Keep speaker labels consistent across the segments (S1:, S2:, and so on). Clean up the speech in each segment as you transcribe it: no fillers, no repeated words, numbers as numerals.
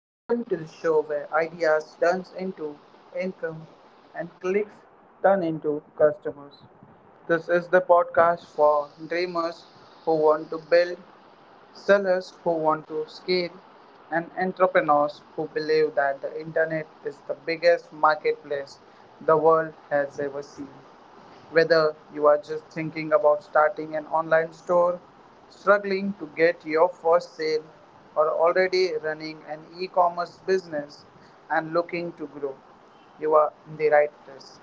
S1: Welcome to the show where ideas turns into income and clicks turn into customers. This is the podcast for dreamers who want to build, sellers who want to scale, and entrepreneurs who believe that the internet is the biggest marketplace the world has ever seen. Whether you are just thinking about starting an online store, struggling to get your first sale, or already running an e commerce business and looking to grow, you are in the right place.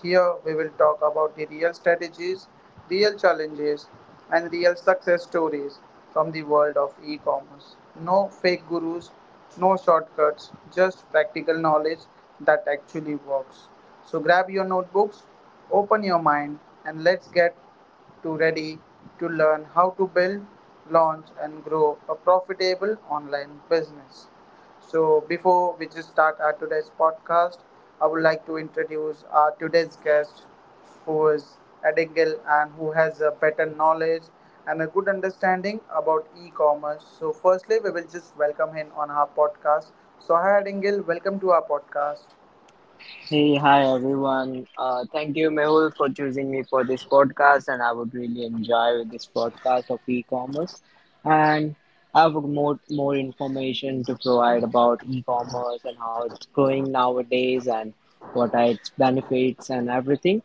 S1: Here we will talk about the real strategies, real challenges, and real success stories from the world of e commerce. No fake gurus, no shortcuts, just practical knowledge that actually works. So grab your notebooks, open your mind, and let's get to ready to learn how to build, launch and grow a profitable online business. So before we just start our today's podcast, I would like to introduce our today's guest who is Adigil and who has a better knowledge and a good understanding about e-commerce. So firstly we will just welcome him on our podcast. So hi Adigil, welcome to our podcast.
S2: Hey, hi everyone. Thank you, Mehul, for choosing me for this podcast, and I would really enjoy with this podcast of e-commerce. And I have more information to provide about e-commerce and how it's growing nowadays and what are its benefits and everything.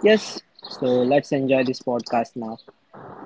S2: Yes, so let's enjoy this podcast now.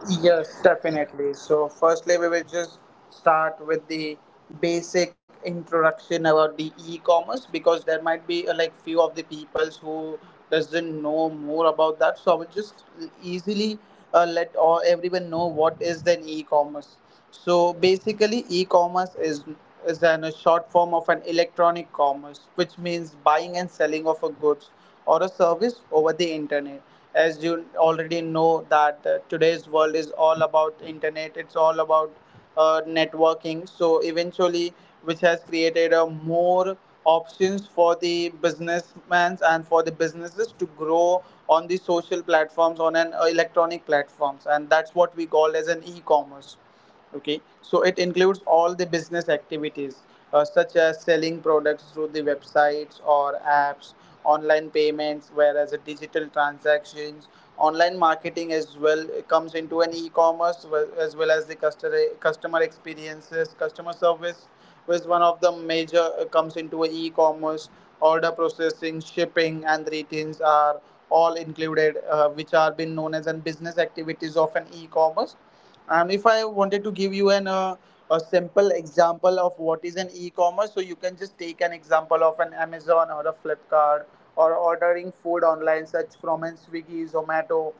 S1: Yes, definitely. So, firstly, we will just start with the basic introduction about the e-commerce, because there might be like few of the peoples who doesn't know more about that. So, I will just easily let all everyone know what is then e-commerce. So, basically, e-commerce is an, a short form of an electronic commerce, which means buying and selling of a goods or a service over the internet, as you already know that today's world is all about internet, it's all about networking. So eventually, which has created a more options for the businessmen and for the businesses to grow on the social platforms, on an electronic platforms, and that's what we call as an e-commerce. Okay, so it includes all the business activities, such as selling products through the websites or apps, online payments, whereas the digital transactions, online marketing as well comes into an e-commerce, as well as the customer experiences, customer service was one of the major, comes into an e e-commerce. Order processing, shipping and retails are all included, which are been known as an business activities of an e-commerce. And if I wanted to give you an a simple example of what is an e-commerce, so you can just take an example of an Amazon or a Flipkart, or ordering food online, such from an Swiggy, Zomato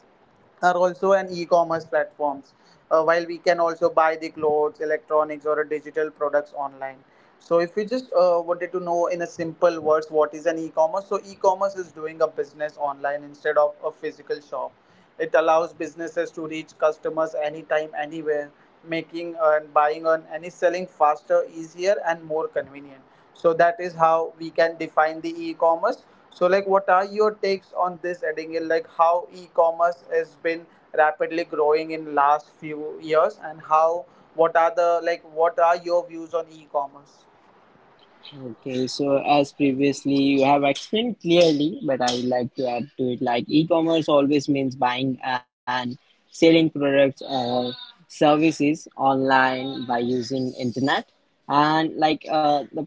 S1: are also an e-commerce platforms. While we can also buy the clothes, electronics or digital products online. So if you just wanted to know in a simple words what is an e-commerce, so e-commerce is doing a business online instead of a physical shop. It allows businesses to reach customers anytime, anywhere, making and buying and any selling faster, easier and more convenient. So that is how we can define the e-commerce. So like what are your takes on this Edingil? Like how e-commerce has been rapidly growing in last few years, and how what are the like what are your views on e-commerce?
S2: Okay, so as previously you have explained clearly, but I would like to add to it, like e-commerce always means buying and selling products or services online by using internet. And like uh, the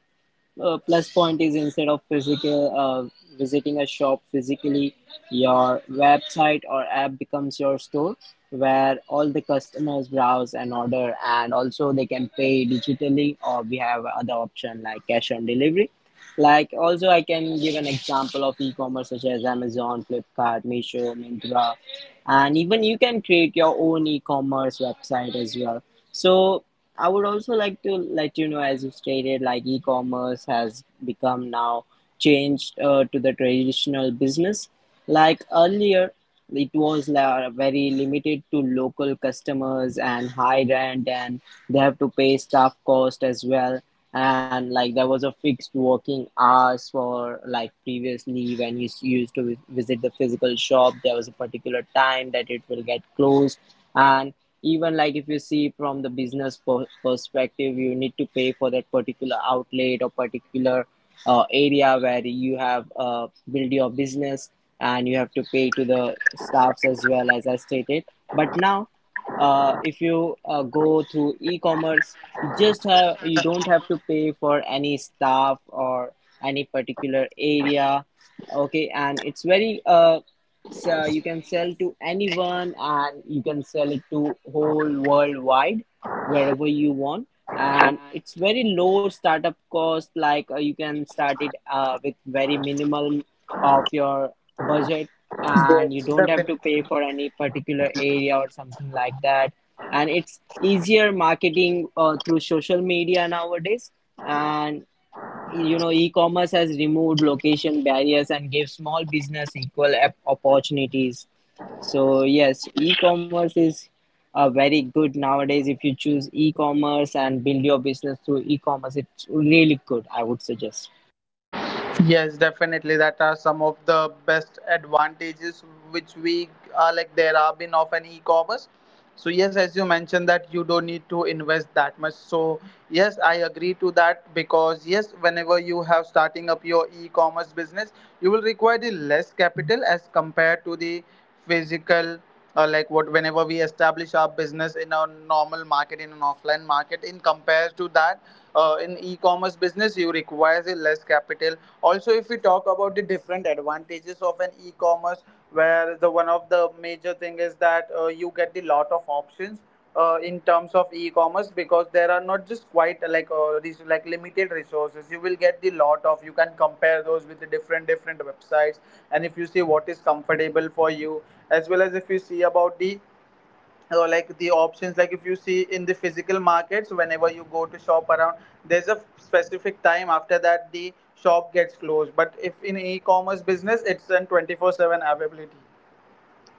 S2: uh, plus point is, instead of physical visiting a shop physically, your website or app becomes your store, where all the customers browse and order, and also they can pay digitally, or we have other option like cash on delivery. Like, also I can give an example of e-commerce such as Amazon, Flipkart, Meesho, Myntra, and even you can create your own e-commerce website as well. So I would also like to let you know, as you stated, like e-commerce has become now changed to the traditional business. Like earlier, it was very limited to local customers and high rent, and they have to pay staff cost as well. And like there was a fixed working hours. For like previously, when you used to visit the physical shop, there was a particular time that it will get closed. And even like, if you see from the business perspective, you need to pay for that particular outlet or particular area where you have build your business, and you have to pay to the staffs as well, as I stated. But now, if you go through e-commerce, you just have, you don't have to pay for any staff or any particular area. Okay, and it's very So you can sell to anyone, and you can sell it to whole worldwide wherever you want. And it's very low startup cost. Like you can start it with very minimal of your budget, and you
S1: Yes,
S2: don't have
S1: definitely.
S2: to pay for any particular area or something like that. And it's easier marketing through social media nowadays. And you know e-commerce has removed location barriers and gave small business equal opportunities. So yes, e-commerce is very good nowadays. If you choose e-commerce and build your business through e-commerce, it's really good, I would suggest.
S1: Yes, definitely. That are some of the best advantages which we are, like, there have been of an e-commerce. So yes, as you mentioned that you don't need to invest that much. So yes, I agree to that because yes, whenever you have starting up your e-commerce business, you will require the less capital as compared to the physical, like what whenever we establish our business in a normal market, in an offline market, in compared to that, in e-commerce business you require a less capital. Also if we talk about the different advantages of an e-commerce, where the one of the major thing is that you get the lot of options in terms of e-commerce, because there are not just quite like these like limited resources. You will get the lot of, you can compare those with the different websites, and if you see what is comfortable for you, as well as if you see about the so, like the options, like if you see in the physical markets whenever you go to shop around, there's a specific time after that the shop gets closed. But if in e-commerce business it's an 24/7 availability,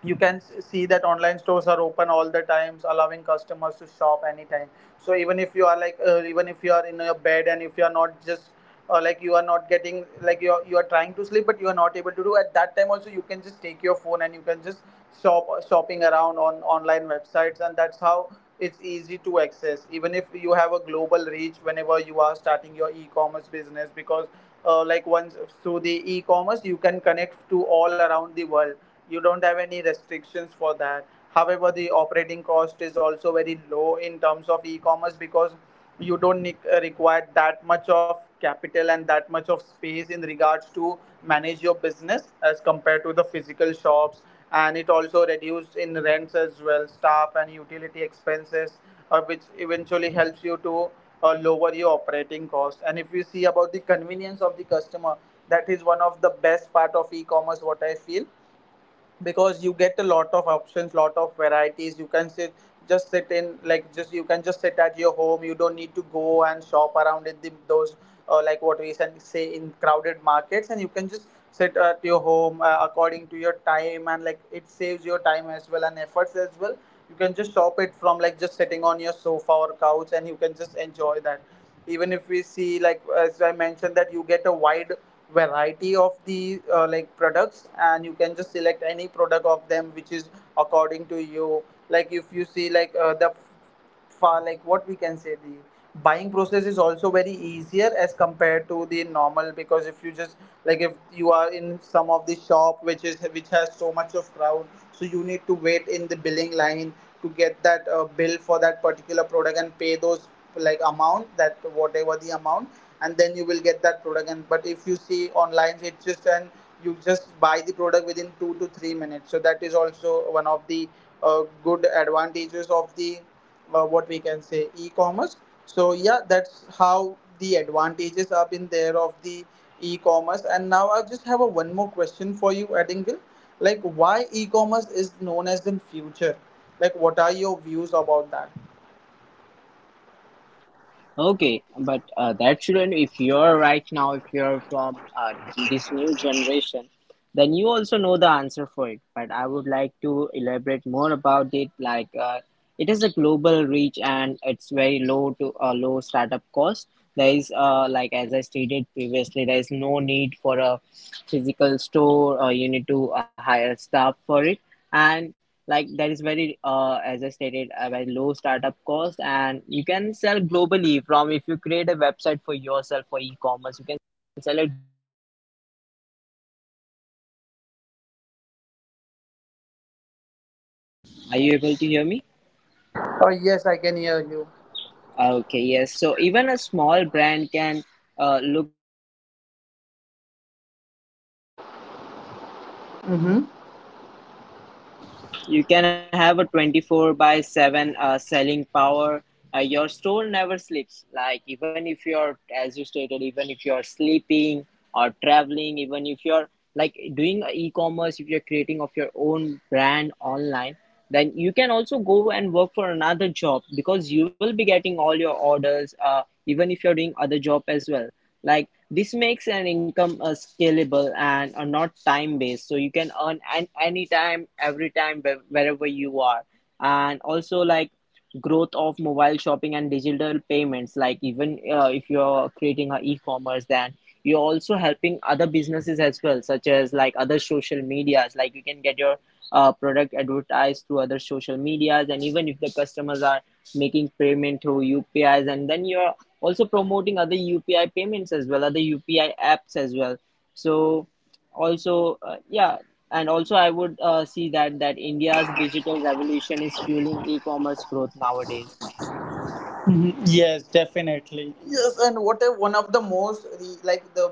S1: you can see that online stores are open all the times, allowing customers to shop anytime. So even if you are like even if you are in your bed, and if you are not just like you are not getting, like, you are trying to sleep, but you are not able to do at that time also, you can just take your phone and you can just shopping around on online websites, and that's how it's easy to access. Even if you have a global reach whenever you are starting your e-commerce business, because like once through the e-commerce you can connect to all around the world, you don't have any restrictions for that. However, the operating cost is also very low in terms of e-commerce, because you don't require that much of capital and that much of space in regards to manage your business, as compared to the physical shops. And it also reduced in rents as well, staff and utility expenses, which eventually helps you to lower your operating cost. And if you see about the convenience of the customer, that is one of the best part of e-commerce, what I feel. Because you get a lot of options, lot of varieties, you can sit, just sit in like just you can just sit at your home, you don't need to go and shop around in the, those like what we can say, in crowded markets. And you can just sit at your home according to your time, and like it saves your time as well, and efforts as well. You can just shop it from, like, just sitting on your sofa or couch, and you can just enjoy that. Even if we see, like as I mentioned, that you get a wide variety of the like products, and you can just select any product of them which is according to you. Like if you see like the far, like what we can say, the buying process is also very easier as compared to the normal. Because if you just like if you are in some of the shop which has so much of crowd, so you need to wait in the billing line to get that bill for that particular product and pay those, like, amount, that whatever the amount, and then you will get that product. And but if you see online it's just, and you just buy the product within 2 to 3 minutes. So that is also one of the good advantages of the, what we can say, e-commerce. So yeah, that's how the advantages are in there of the e-commerce. And now I just have a one more question for you, Adingle. Like why e-commerce is known as the future? Like what are your views about that?
S2: Okay, but that shouldn't. If you're right now, if you're from this new generation, then you also know the answer for it. But I would like to elaborate more about it. Like it is a global reach, and it's very low startup cost. There is like, as I stated previously, there is no need for a physical store, or you need to hire staff for it, and like that is very as I stated, a very low startup cost. And you can sell globally. From if you create a website for yourself for e-commerce, you can sell it
S3: Are you able to hear me?
S1: Oh yes, I can hear you.
S3: Okay, yes. So even a small brand can look.
S1: Mm-hmm.
S3: You can have a 24 by 7 selling power. Your store never sleeps. Like, even if you're, as you stated, even if you're sleeping or traveling, even if you're like doing e commerce, if you're creating of your own brand online, then you can also go and work for another job because you will be getting all your orders even if you're doing other job as well, like this makes an income scalable and not time based, so you can earn anytime every time wherever you are. And also like growth of mobile shopping and digital payments, like even if you're creating a e-commerce, then you're also helping other businesses as well, such as like other social medias, like you can get your product advertised through other social medias, and even if the customers are making payment through upis, and then you're also promoting other upi payments as well, other upi apps as well. So also yeah. And also I would see that india's digital revolution is fueling e-commerce growth nowadays.
S1: Exactly. Yes, and one of the most re- like the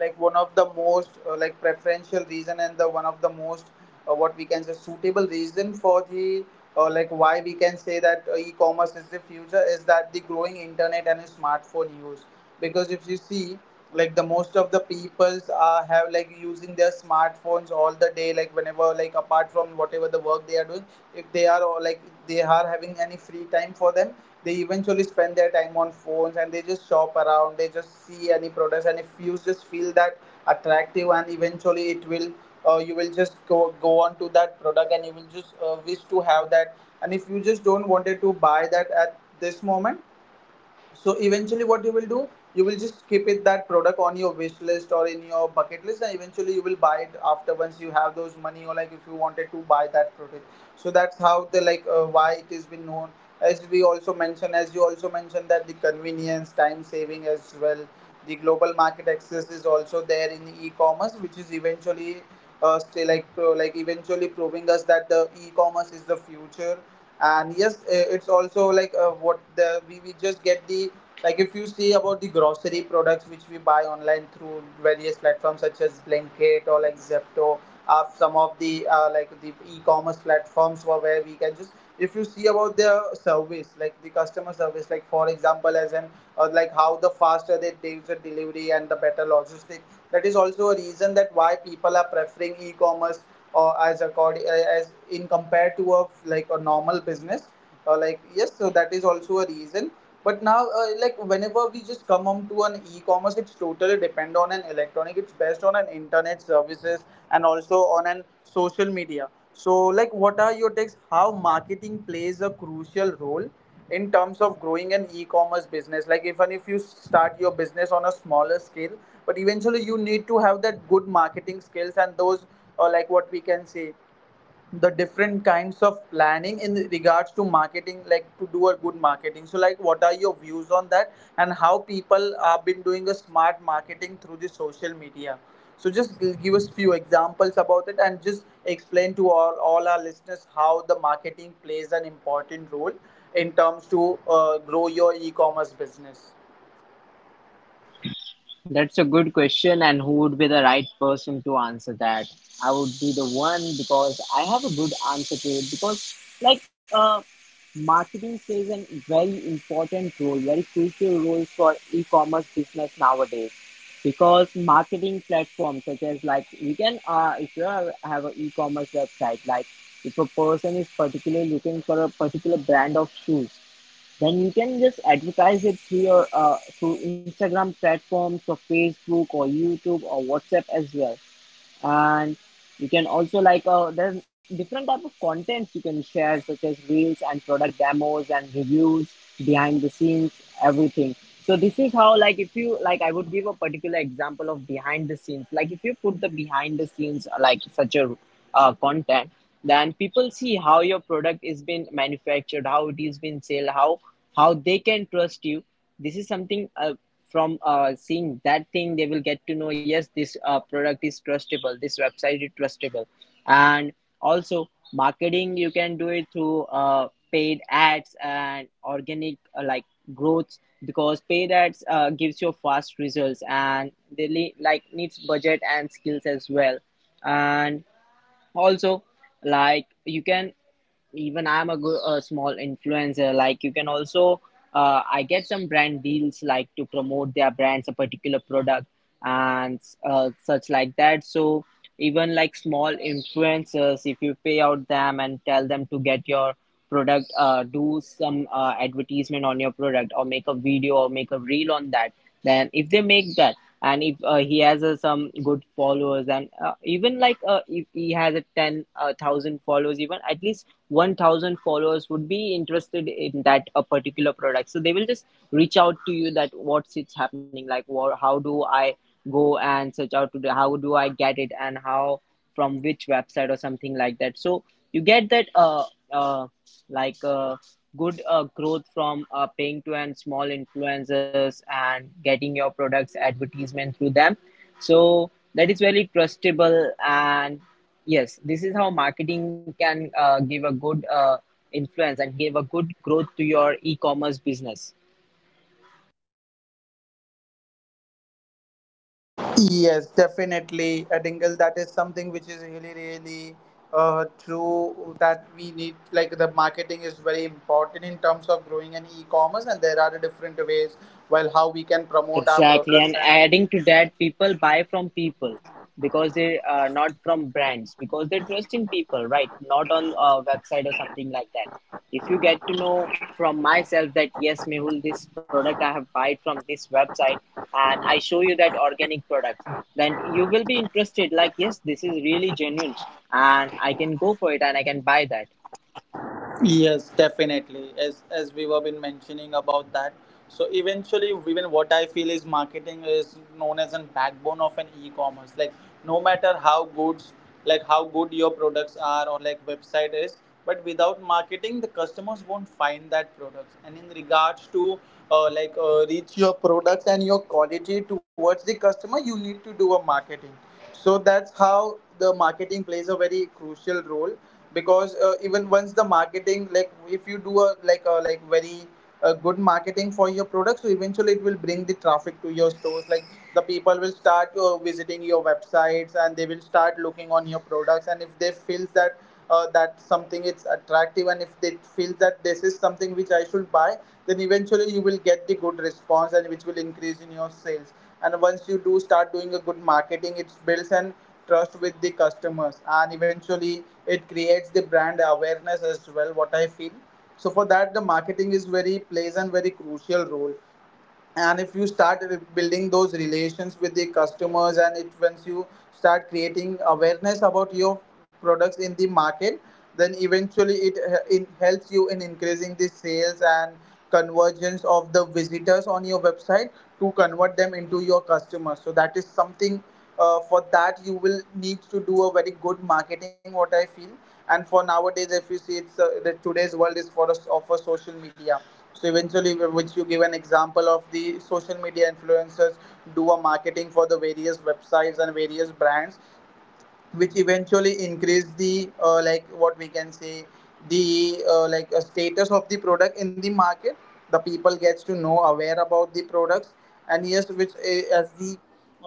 S1: like one of the most like preferential reason, and the one of the most what we can say suitable reason for the like why we can say that e-commerce is the future, is that the growing internet and smartphone use. Because if you see, like the most of the peoples are have like using their smartphones all the day, like whenever, like apart from whatever the work they are doing, if they are having any free time for them, they eventually spend their time on phones and they just shop around, they just see any products. And if you just feel that attractive, and eventually it will you will just go on to that product, and you will just wish to have that. And if you just don't wanted to buy that at this moment, so eventually, what you will do, you will just keep it that product on your wish list or in your bucket list, and eventually you will buy it after once you have those money, or like if you wanted to buy that product. So that's how the like why it has been known. As we also mentioned, as you also mentioned, that the convenience, time saving as well, the global market access is also there in e-commerce, which is eventually say like pro, like eventually proving us that the e-commerce is the future. And yes it's also like what we just get the, like if you see about the grocery products which we buy online through various platforms such as Blinkit or like Zepto. Uh, some of the like the e-commerce platforms, where we can just, if you see about their service, like the customer service, like for example as an, or like how the faster they take the delivery and the better logistics, that is also a reason that why people are preferring e-commerce or as according, as in compared to a like a normal business. Uh, like yes, so that is also a reason. But now like whenever we just come on to an e-commerce, it's totally depend on an electronic, it's based on an internet services and also on an social media. So like what are your takes, how marketing plays a crucial role in terms of growing an e-commerce business? Like even if you start your business on a smaller scale, but eventually you need to have that good marketing skills and those, like what we can say, the different kinds of planning in regards to marketing, like to do a good marketing. So like what are your views on that and how people have been doing a smart marketing through the social media? So just give us few examples about it and just explain to all our listeners how the marketing plays an important role in terms to grow your e-commerce business.
S3: That's a good question, and who would be the right person to answer that? I would be the one because I have a good answer to it. Because, like, marketing plays a very important role, very crucial role for e commerce business nowadays. Because marketing platforms, such as like you can, if you have an e commerce website, like if a person is particularly looking for a particular brand of shoes, then you can just advertise it through your through Instagram platforms or Facebook or YouTube or WhatsApp as well. And you can also like there's different type of contents you can share such as reels and product demos and reviews, behind the scenes, everything. So this is how, like, if you like, I would give a particular example of behind the scenes. Like if you put the behind the scenes like such a content, then people see how your product is been manufactured, how it is been sold, how they can trust you. This is something from seeing that thing they will get to know, yes, this product is trustable, this website is trustable. And also marketing you can do it through paid ads and organic like growth, because paid ads gives you fast results and they like needs budget and skills as well. And also like you can, even I'm a, a small influencer, like you can also I get some brand deals like to promote their brands a particular product. And such like that. So even like small influencers, if you pay out them and tell them to get your product do some advertisement on your product or make a video or make a reel on that, then if they make that and if he has some good followers, and even like if he has a 10 thousand followers, even at least 1,000 followers would be interested in that a particular product, so they will just reach out to you that what's it's happening, like what, how do I go and search out to the, how do I get it, and how from which website or something like that. So you get that uh like uh, good growth from paying to and small influencers and getting your products advertisement through them. So that is very trustable. And yes, this is how marketing can give a good influence and give a good growth to your e-commerce business.
S1: Yes, definitely, Dingle. That is something which is really, really true that we need. Like the marketing is very important in terms of growing an e-commerce, and there are different ways while how we can promote our
S3: Exactly,
S1: products
S3: and
S1: and.
S3: adding to that, people buy from people because they are not from brands, because they trust in people, right? Not on a website or something like that. If you get to know from myself that yes, Mehul, this product I have buy from this website, and I show you that organic products, then you will be interested. Like yes, this is really genuine, and I can go for it, and I can buy that.
S1: Yes, definitely. As we were been mentioning about that. So eventually, even what I feel is marketing is known as a backbone of an e-commerce. Like no matter how goods, like how good your products are, or like website is, but without marketing, the customers won't find that products. And in regards to like reach your products and your quality towards the customer, you need to do a marketing. So that's how the marketing plays a very crucial role. Because even once the marketing, like if you do a like very good marketing for your product, so eventually it will bring the traffic to your stores. Like the people will start visiting your websites and they will start looking on your products, and if they feels that that something it's attractive, and if they feel that this is something which I should buy, then eventually you will get the good response and which will increase in your sales. And once you do start doing a good marketing, it builds an trust with the customers, and eventually it creates the brand awareness as well, what I feel. So for that, the marketing is very plays and very crucial role. And if you start building those relations with the customers, and it once you start creating awareness about your products in the market, then eventually it, it helps you in increasing the sales and convergence of the visitors on your website to convert them into your customers. So that is something, for that you will need to do a very good marketing, what I feel. And for nowadays, if you see, it's the today's world is for us of a social media. So eventually, which you give an example of the social media influencers do a marketing for the various websites and various brands, which eventually increase the, like what we can say, the like a status of the product in the market. The people gets to know aware about the products. And yes, as the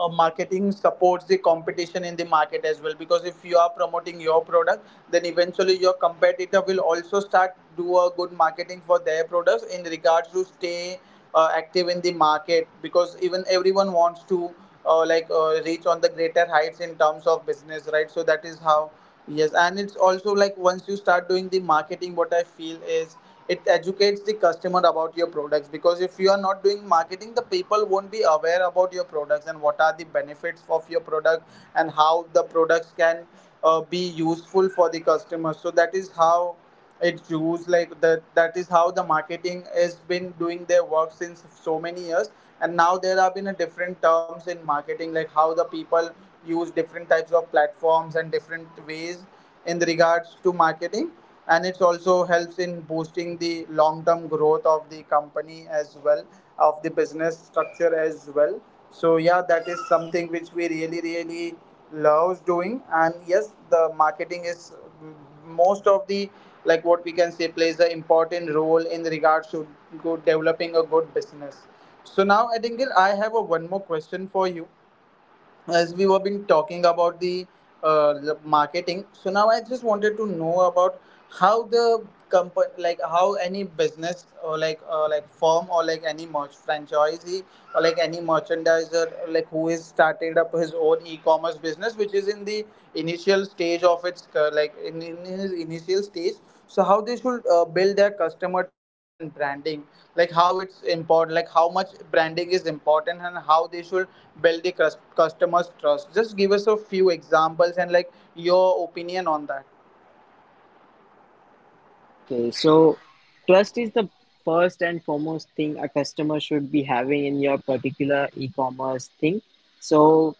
S1: marketing supports the competition in the market as well. Because if you are promoting your product, then eventually your competitor will also start do a good marketing for their products in regards to stay active in the market. Because even everyone wants to like reach on the greater heights in terms of business, right? So that is how. Yes, and it's also like once you start doing the marketing, what I feel is, it educates the customer about your products. Because if you are not doing marketing, the people won't be aware about your products and what are the benefits of your product and how the products can be useful for the customer. So that is how it's used like that, that is how the marketing has been doing their work since so many years. And now there have been a different terms in marketing, like how the people use different types of platforms and different ways in the regards to marketing. And it also helps in boosting the long term growth of the company as well, of the business structure as well. So yeah, that is something which we really really loves doing. And yes, the marketing is mm, most of the, like what we can say, plays an important role in regards to good developing a good business. So now I have a one more question for you. As we were been talking about the uh, marketing, so now I just wanted to know about how the company, like how any business, or like firm, or like any merch franchisee, or like any merchandiser, like who is started up his own e-commerce business which is in the initial stage of its like in his initial stage. So how they should build their customer trust and branding? Like how it's important, like how much branding is important and how they should build the customers trust? Just give us a few examples and like your opinion on that.
S3: Okay, so trust is the first and foremost thing a customer should be having in your particular e-commerce thing. So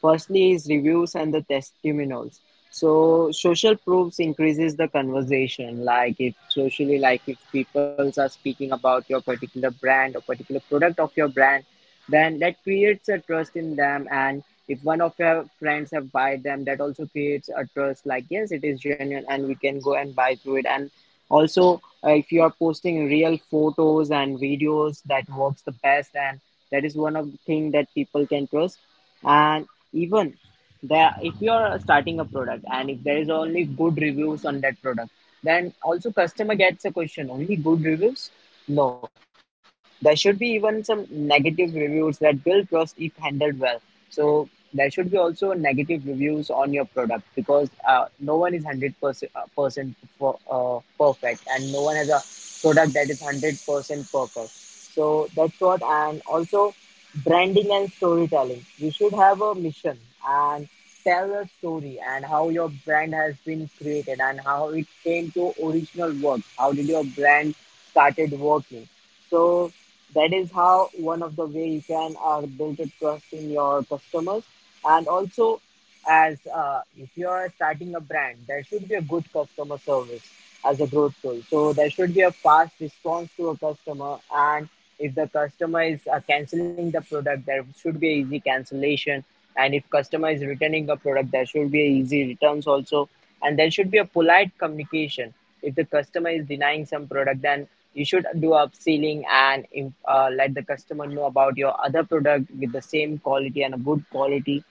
S3: firstly is reviews and the testimonials. So social proofs increases the conversation. Like if socially, like if people are speaking about your particular brand or particular product of your brand, then that creates a trust in them. And if one of your friends have buy them, that also creates a trust. Like yes, it is genuine, and we can go and buy through it. And also, if you are posting real photos and videos, that works the best, and that is one of the thing that people can trust. And even there, if you are starting a product and if there is only good reviews on that product, then also customer gets a question, only good reviews? No, there should be even some negative reviews that build trust if handled well. So there should be also negative reviews on your product because no one is 100% percent perfect, and no one has a product that is 100% perfect. So that's what. And also branding and storytelling. We should have a mission and tell a story and how your brand has been created and how it came to original work. How did your brand started working. So that is how one of the way you can build a trust in your customers. And also, as if you are starting a brand, should be a good customer service as a growth tool. So there should be a fast response to a customer. And if the customer is canceling the product, there should be an easy cancellation. And if customer is returning the product, there should be a easy returns also. And there should be a polite communication. If the customer is denying some product, then you should do upselling and let the customer know about other product with the same quality and a good quality.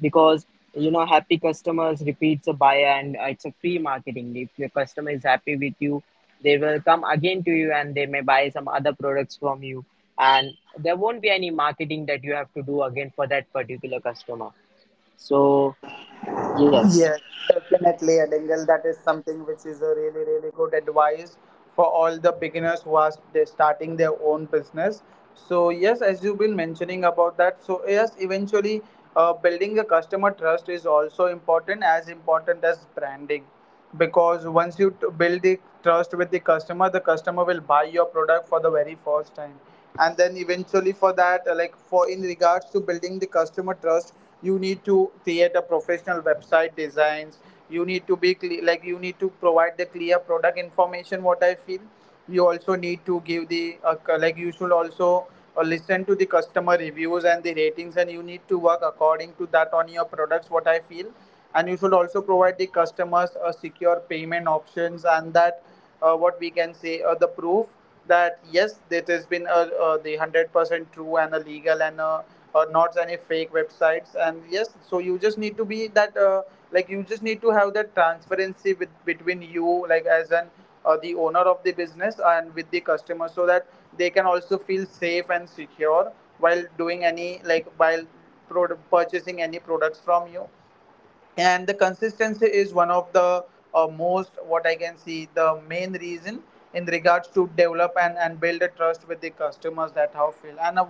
S3: Because you know happy customers repeats a buyer, and it's a free marketing. If your customer is happy with you, they will come again to you and they may buy some other products from you, and there won't be any marketing that you have to do again for that particular customer. So yes.
S1: Yes, definitely, Adingle. That is something which is a really, really good advice for all the beginners who are starting their own business. So, yes, as you've been mentioning about that, so yes, eventually building a customer trust is also important as branding. Because once you build the trust with the customer will buy your product for the very first time. And then eventually, for that, like for in regards to building the customer trust, you need to create a professional website designs. You need to be like you need to provide the clear product information, what I feel. You also need to give the, like, you should also listen to the customer reviews and the ratings, and you need to work according to that on your products, what I feel. And you should also provide the customers a secure payment options, and that what we can say the proof that yes, that has been the 100% true and a legal and a, or not any fake websites. And yes, so you just need to be that like you just need to have that transparency with between you, like as an the owner of the business and with the customer, so that they can also feel safe and secure while doing any, like while product purchasing any products from you. And the consistency is one of the most, what I can see, the main reason in regards to develop and build a trust with the customers, that how feel. And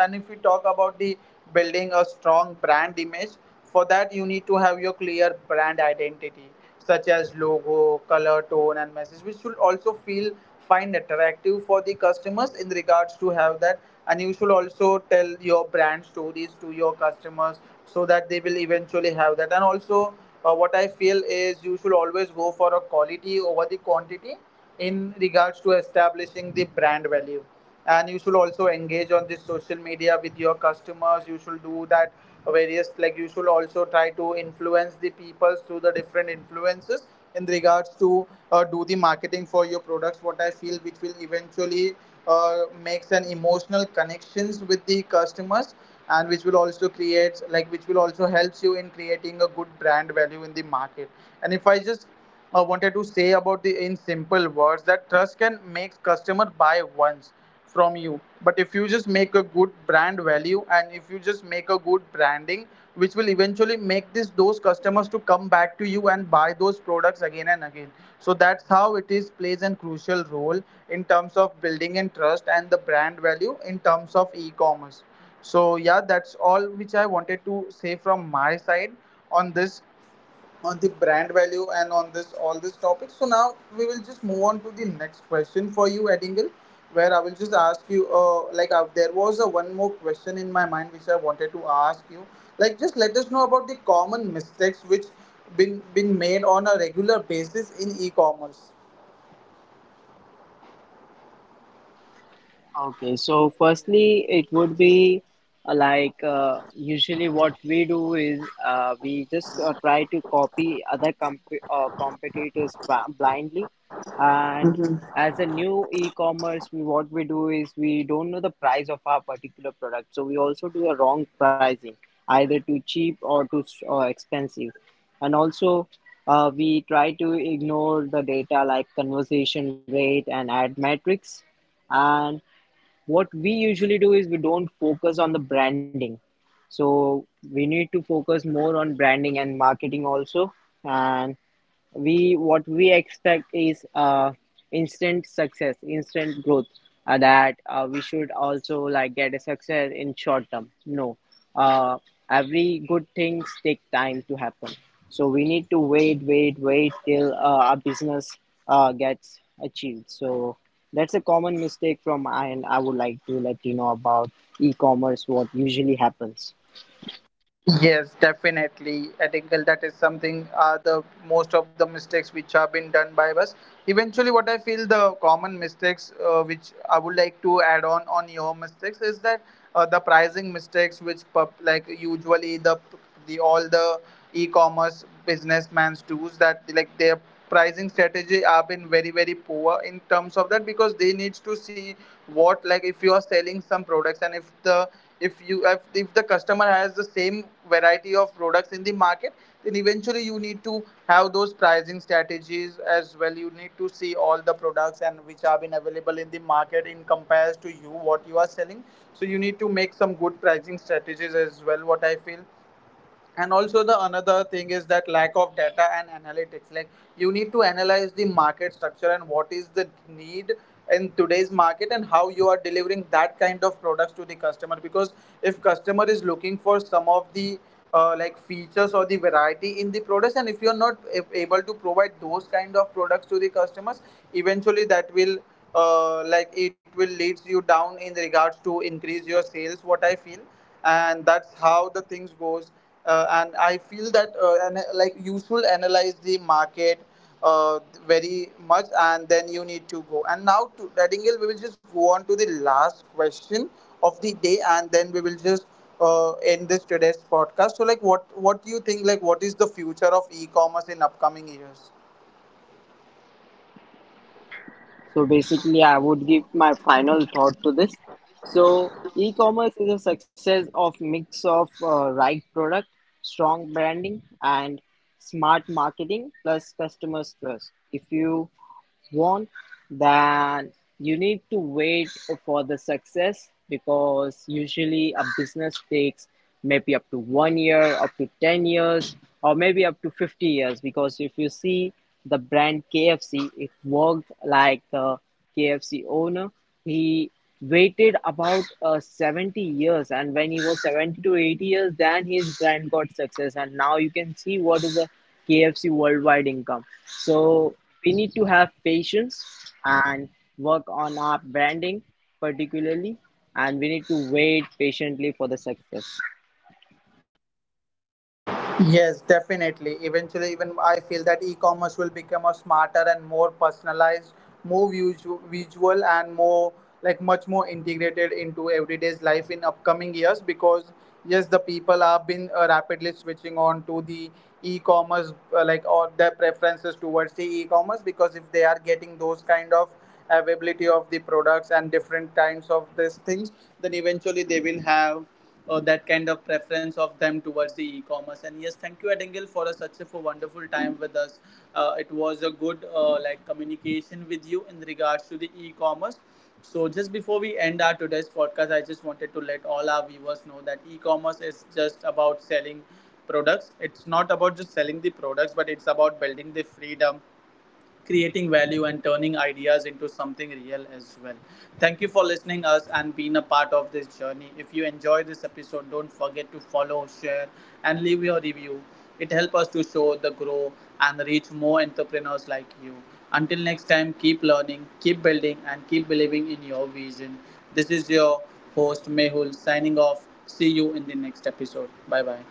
S1: and if we talk about the building a strong brand image, for that you need to have your clear brand identity such as logo, color, tone and message, which should also feel find attractive for the customers in regards to have that. And you should also tell your brand stories to your customers, so that they will eventually have that. And also what I feel is, you should always go for a quality over the quantity in regards to establishing the brand value. And you should also engage on this social media with your customers, you should do that various, like you should also try to influence the people through the different influences in regards to do the marketing for your products, what I feel, which will eventually makes an emotional connections with the customers, and which will also create, like which will also helps you in creating a good brand value in the market. And if I just wanted to say about the, in simple words, that trust can make customer buy once from you, but if you just make a good brand value and if you just make a good branding, which will eventually make this those customers to come back to you and buy those products again and again. So that's how it is plays a crucial role in terms of building and trust and the brand value in terms of e-commerce. So yeah, that's all which I wanted to say from my side on this, on the brand value and on this all this topic. So now we will just move on to the next question for you, Edingle, where I will just ask you. There was a one more question in my mind which I wanted to ask you. Like just let us know about the common mistakes which been made on a regular basis in e-commerce.
S3: Okay, so firstly, it would be like usually what we do is we just try to copy other competitors blindly. And as a new e-commerce, what we do is we don't know the price of our particular product, so we also do a wrong pricing, either too cheap or too expensive. And also, we try to ignore the data like conversation rate and ad metrics. And what we usually do is we don't focus on the branding, so we need to focus more on branding and marketing also. And we what we expect is instant success, instant growth, that we should also like get a success in short term? No. uh, every good things take time to happen, so we need to wait till our business gets achieved. So that's a common mistake from my end I would like to let you know about e-commerce, what usually happens.
S1: Yes, definitely. I think that is something are the most of the mistakes which have been done by us. Eventually, what I feel the common mistakes which I would like to add on your mistakes is that the pricing mistakes like usually the all the e-commerce businessmens does that like their pricing strategy have been very very poor in terms of that because they need to see what like if you are selling some products and if the if you if the customer has the same variety of products in the market, then eventually you need to have those pricing strategies as well. You need to see all the products and which are been available in the market in compares to you what you are selling, so you need to make some good pricing strategies as well, what I feel. And also the another thing is that lack of data and analytics, like you need to analyze the market structure and what is the need in today's market and how you are delivering that kind of products to the customer. Because if customer is looking for some of the like features or the variety in the products and if you're not a- able to provide those kind of products to the customers, eventually that will like it will leads you down in regards to increase your sales, what I feel. And that's how the things goes. And I feel that and like you should analyze the market uh, very much. And then you need to go and now to Nightingale, we will just go on to the last question of the day and then we will just end this today's podcast. So like what do you think, like what is the future of e-commerce in upcoming years?
S3: So basically, I would give my final thought to this. So e-commerce is a success of mix of right product, strong branding, and smart marketing plus customers trust. If you won, then you need to wait for the success because usually a business takes maybe up to 1 year, up to 10 years, or maybe up to 50 years. Because if you see the brand KFC, it worked like the KFC owner. He waited about 70 years, and when he was 70 to 80 years, then his brand got success. And now you can see what is the KFC worldwide income. So we need to have patience and work on our branding particularly, and we need to wait patiently for the success.
S1: Yes, definitely. Eventually, even I feel that e-commerce will become a smarter and more personalized, more visual, and more like much more integrated into everyday's life in upcoming years. Because yes, the people have been rapidly switching on to the e-commerce, like or their preferences towards the e-commerce. Because if they are getting those kind of availability of the products and different kinds of these things, then eventually they will have that kind of preference of them towards the e-commerce. And yes, thank you, Adengil, for a, such a for wonderful time with us. It was a good like communication with you in regards to the e-commerce. So just before we end our today's podcast, I just wanted to let all our viewers know that e-commerce is just about selling products. It's not about just selling the products, but it's about building the freedom, creating value and turning ideas into something real as well. Thank you for listening us and being a part of this journey. If you enjoy this episode, don't forget to follow, share and leave your review. It helps us to show the grow and reach more entrepreneurs like you. Until next time, keep learning, keep building and keep believing in your vision. This is your host Mehul signing off. See you in the next episode. Bye bye.